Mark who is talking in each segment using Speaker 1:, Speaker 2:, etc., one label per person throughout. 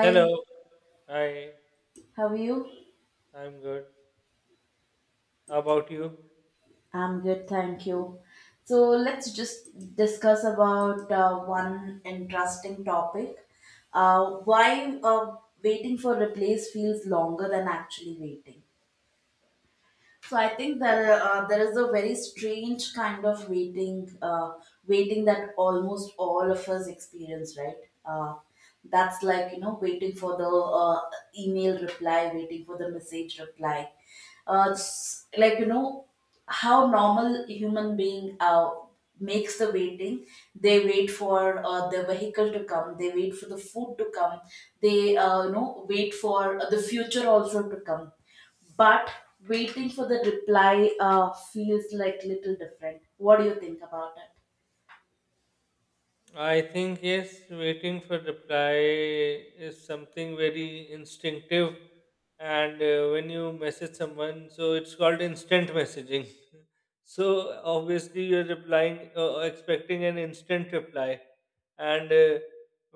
Speaker 1: Hello. Hi.
Speaker 2: how are you?
Speaker 1: I'm good. How about you?
Speaker 2: I'm good, thank you. So let's just discuss about one interesting topic. Why waiting for replace feels longer than actually waiting. So I think there is a very strange kind of waiting that almost all of us experience, right? Uh, that's like waiting for the email reply, waiting for the message reply. It's like how normal human being makes the waiting. They wait for the vehicle to come. They wait for the food to come. They wait for the future also to come, but waiting for the reply feels like little different. What do you think about it?
Speaker 1: I think yes, waiting for reply is something very instinctive, and when you message someone, so it's called instant messaging. So obviously you're replying, expecting an instant reply, and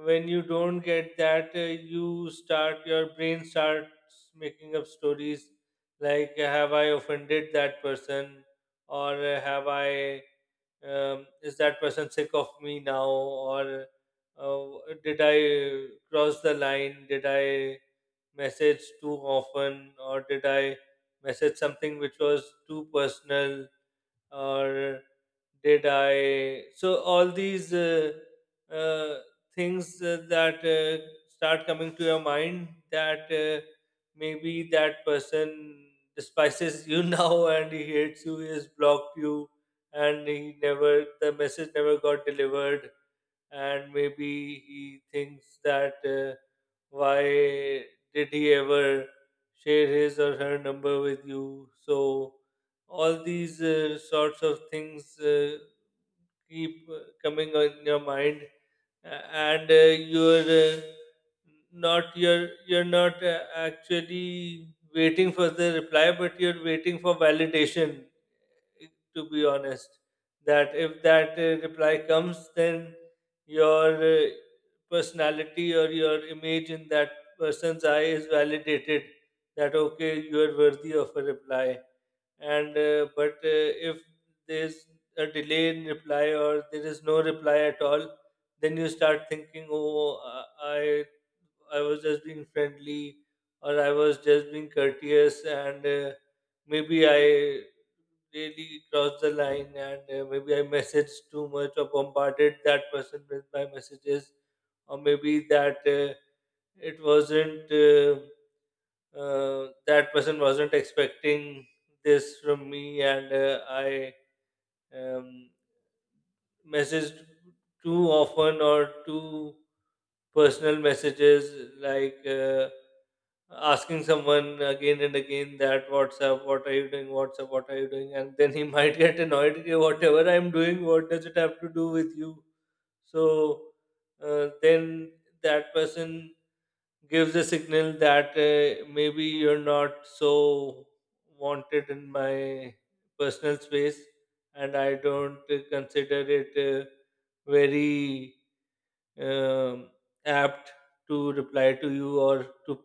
Speaker 1: when you don't get that, you start your brain starts making up stories like, have I offended that person, or have I, is that person sick of me now or uh, did I cross the line, did I message too often, or did I message something which was too personal, or did I? So all these uh, things that start coming to your mind that maybe that person despises you now, and he hates you, he has blocked you, and he never the message never got delivered, and maybe he thinks that why did he ever share his or her number with you? So all these sorts of things keep coming on your mind, and you're uh, you're not actually waiting for the reply, but you're waiting for validation, to be honest, that if that reply comes, then your personality or your image in that person's eye is validated, that okay, you are worthy of a reply. And but if there's a delay in reply or there is no reply at all, then you start thinking, oh I was just being friendly, or I was just being courteous, and maybe I really crossed the line, and maybe I messaged too much or bombarded that person with my messages, or maybe that it wasn't that person wasn't expecting this from me, and I um, messaged too often or too personal messages, like asking someone again and again that what's up, what are you doing, what's up, what are you doing, and then he might get annoyed, "Okay, whatever I'm doing, what does it have to do with you?" So then that person gives a signal that maybe you're not so wanted in my personal space, and I don't consider it very um, apt to reply to you, or to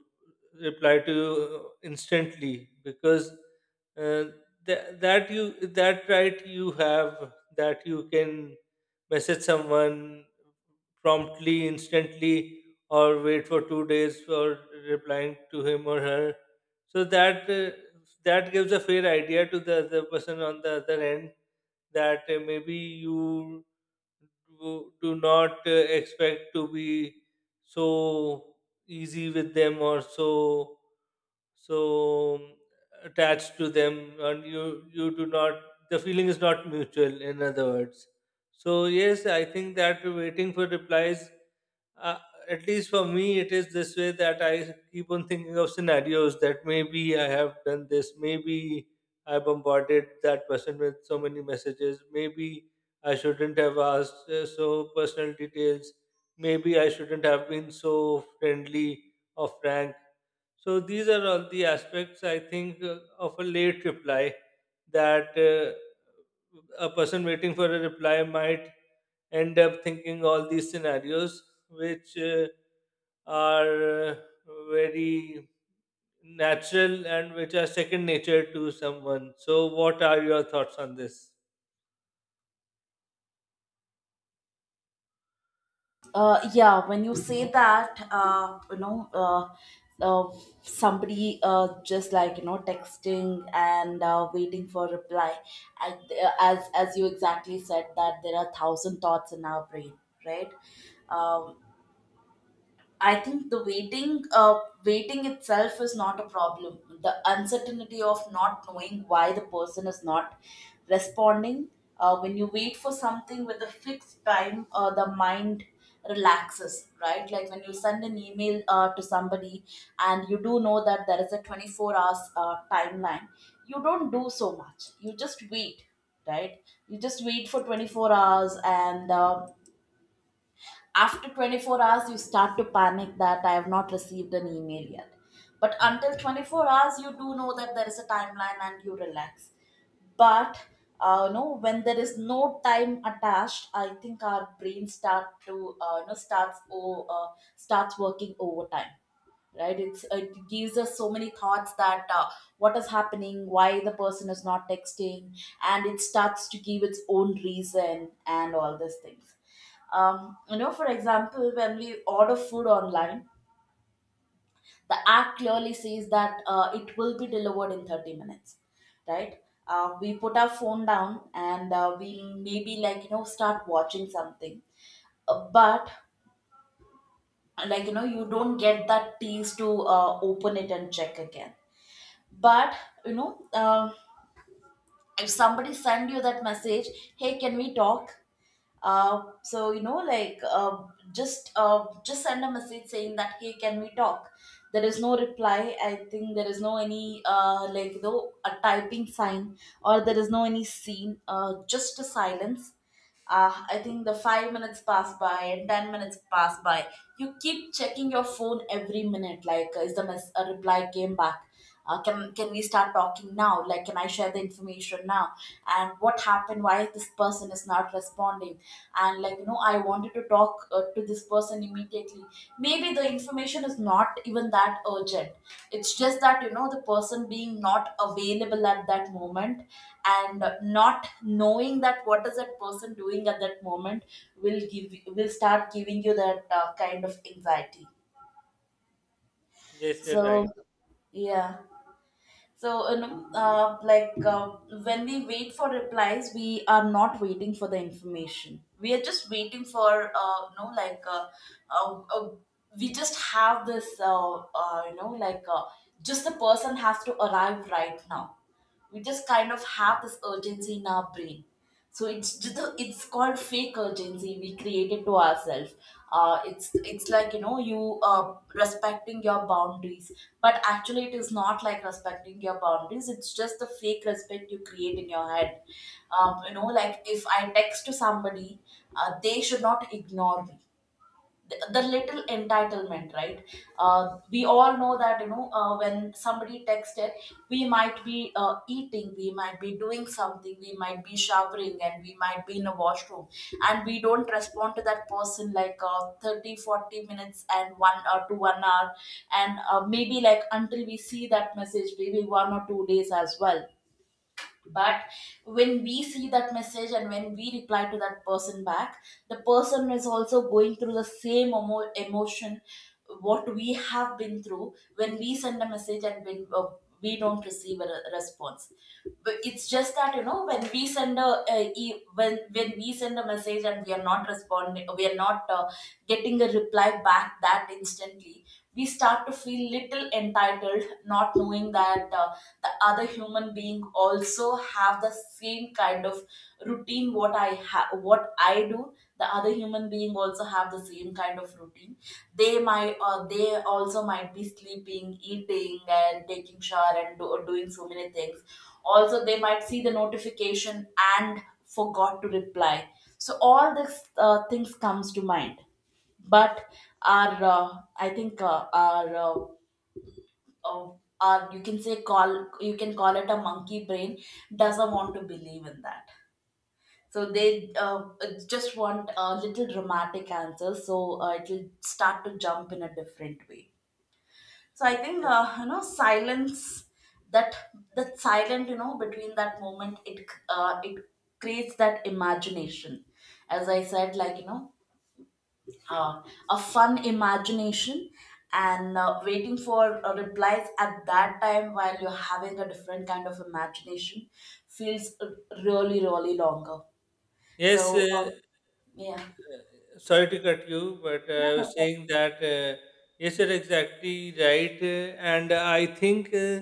Speaker 1: reply to you instantly, because uh, that you, that right, you have that, you can message someone promptly, instantly, or wait for 2 days for replying to him or her. So that that gives a fair idea to the other person on the other end that maybe you do not expect to be so easy with them, or so so um, attached to them, and you do not, the feeling is not mutual, in other words. So yes, I think that waiting for replies, uh, at least for me, it is this way, that I keep on thinking of scenarios that maybe I have done this, maybe I bombarded that person with so many messages, maybe I shouldn't have asked so personal details. Maybe I shouldn't have been so friendly or frank. So these are all the aspects I think of a late reply, that a person waiting for a reply might end up thinking all these scenarios, which are very natural and which are second nature to someone. So, what are your thoughts on this?
Speaker 2: Yeah, when you say that uh, somebody just like texting and waiting for reply, and, as you exactly said that there are thousand thoughts in our brain, right? uh, I think the waiting itself is not a problem. The uncertainty of not knowing why the person is not responding. When you wait for something with a fixed time, the mind relaxes, right? Like when you send an email to somebody and you do know that there is a 24 hours timeline, you don't do so much. You just wait, right? You just wait for 24 hours, and after 24 hours, you start to panic that I have not received an email yet. But until 24 hours, you do know that there is a timeline and you relax. But no, when there is no time attached, I think our brain start to you know starts o- starts working overtime, right? It gives us so many thoughts that what is happening, why the person is not texting, and it starts to give its own reason and all these things. For example, when we order food online, the app clearly says that it will be delivered in 30 minutes, right? We put our phone down and we maybe start watching something. But you don't get that tease to open it and check again. But um if somebody send you that message, hey, can we talk? So like just send a message saying that, hey, can we talk? There is no reply. I think there is no any like though a typing sign or there is no any scene, just a silence. I think the 5 minutes pass by and 10 minutes pass by. You keep checking your phone every minute. Like, is a reply came back? Can we start talking now? Like, can I share the information now? And what happened? Why this person is not responding? And I wanted to talk to this person immediately. Maybe the information is not even that urgent. It's just that the person being not available at that moment, and not knowing that what is that person doing at that moment will start giving you that kind of anxiety.
Speaker 1: Yes, you're
Speaker 2: So,
Speaker 1: right.
Speaker 2: yeah. So, like when we wait for replies, we are not waiting for the information. We are just waiting for, uh, uh, we just have this, just the person has to arrive right now. We just kind of have this urgency in our brain. So it's called fake urgency, we create it to ourselves. It's like you respecting your boundaries, but actually it is not like respecting your boundaries, it's just the fake respect you create in your head. Like if I text to somebody, they should not ignore me. The little entitlement, right? We all know that when somebody texted, we might be eating, we might be doing something, we might be showering, and we might be in a washroom, and we don't respond to that person like 30, 40 minutes and one or to 1 hour, and maybe like until we see that message, maybe 1 or 2 days as well. But when we see that message and when we reply to that person back, the person is also going through the same emotion, what we have been through when we send a message, and when we don't receive a response. But it's just that when we send a e- when we send a message and we are not responding, we are not getting a reply back that instantly, we start to feel little entitled, not knowing that the other human being also have the same kind of routine, what I have, what I do. The other human being also have the same kind of routine. They also might be sleeping, eating, and taking shower, and doing so many things. Also, they might see the notification and forgot to reply. So all these things comes to mind. But our I think, our uh, or you can say, call you can call it a monkey brain, doesn't want to believe in that. So they just want a little dramatic answer, so it will start to jump in a different way. So I think
Speaker 1: Yes.
Speaker 2: silence, that that silent between that moment, it creates that imagination, as I said, uh, a fun imagination. And waiting for replies at that time while you're having a different kind of imagination feels really, really longer.
Speaker 1: Yes,
Speaker 2: So yeah.
Speaker 1: sorry to cut you, but I was saying that yes, you're exactly right, and I think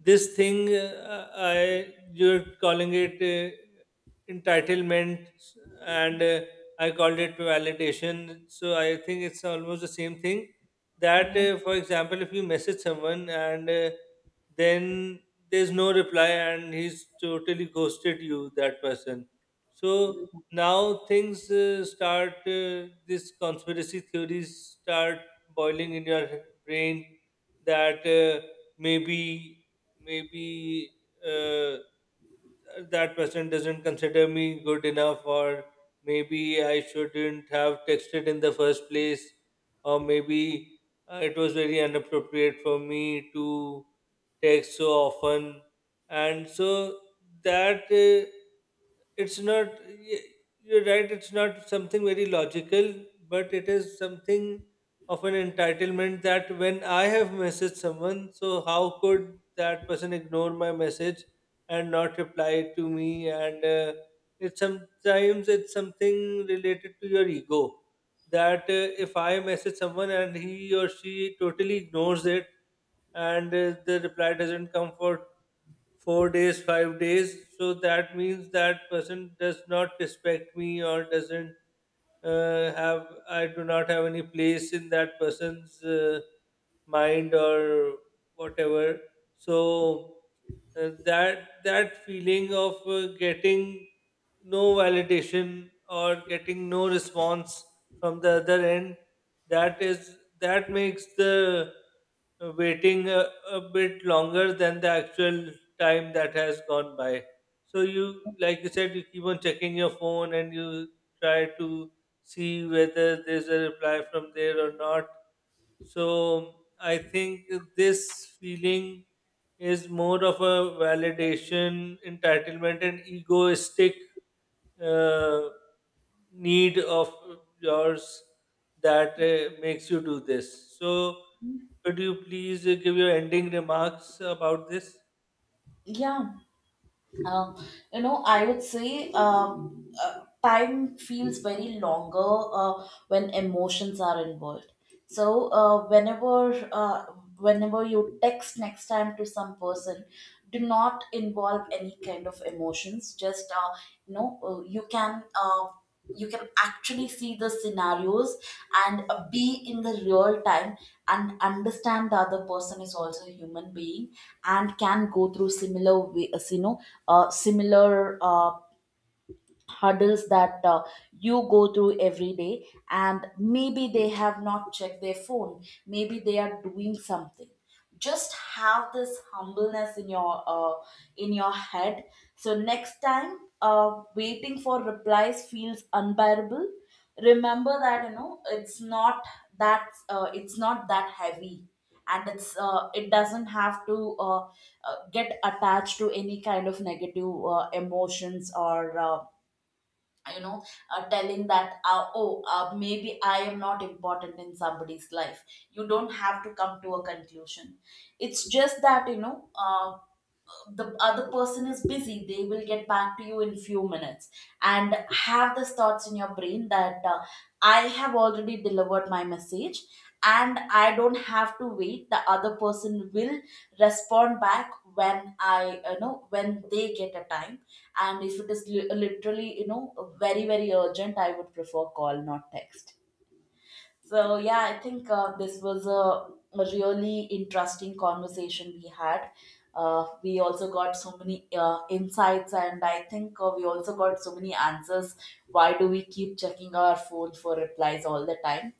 Speaker 1: this thing I you're calling it entitlement, and I called it validation. So I think it's almost the same thing. That,
Speaker 2: Yeah,
Speaker 1: for example, if you message someone and then there's no reply and he's totally ghosted you, that person. So now things start this conspiracy theories start boiling in your brain that maybe maybe uh, that person doesn't consider me good enough, or maybe I shouldn't have texted in the first place, or maybe it was very inappropriate for me to text so often. And so that it's not you're right, it's not something very logical, but it is something of an entitlement, that when I have messaged someone, so how could that person ignore my message and not reply to me? And it's sometimes it's something related to your ego, that if I message someone and he or she totally ignores it, and the reply doesn't come for 4 days, 5 days. So that means that person does not respect me, or doesn't I do not have any place in that person's mind or whatever. So that that feeling of getting no validation or getting no response from the other end, that is, that makes the waiting a bit longer than the actual time that has gone by. So you, like you said, you keep on checking your phone and you try to see whether there's a reply from there or not. So I think this feeling is more of a validation, entitlement, and egoistic uh, need of yours that makes you do this. So could you please give your ending remarks about this?
Speaker 2: yeah, Um, I would say, time feels very longer when emotions are involved. So whenever you text next time to some person, do not involve any kind of emotions. Just you know, uh, you can. Uh, you can actually see the scenarios and be in the real time and understand the other person is also a human being and can go through similar way, similar hurdles that you go through every day, and maybe they have not checked their phone, maybe they are doing something. Just have this humbleness in your head. So next time waiting for replies feels unbearable, remember that it's not that heavy, and it doesn't have to get attached to any kind of negative emotions or you know telling that, oh, maybe I am not important in somebody's life. You don't have to come to a conclusion. It's just that the other person is busy, they will get back to you in few minutes. And have these thoughts in your brain that I have already delivered my message, and I don't have to wait. The other person will respond back when when they get a time. And if it is literally, very, very urgent, I would prefer call, not text. So, yeah, I think this was a really interesting conversation we had. We also got so many insights, and I think we also got so many answers. Why do we keep checking our phone for replies all the time?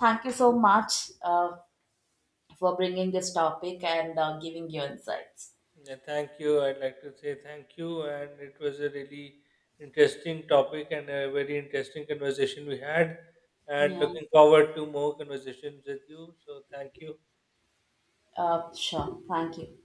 Speaker 2: Thank you so much. For bringing this topic and giving your insights.
Speaker 1: Yeah, thank you. I'd like to say thank you, and it was a really interesting topic and a very interesting conversation we had. And
Speaker 2: Yeah.
Speaker 1: looking forward to more conversations with you. So, thank you.
Speaker 2: Sure. Thank you.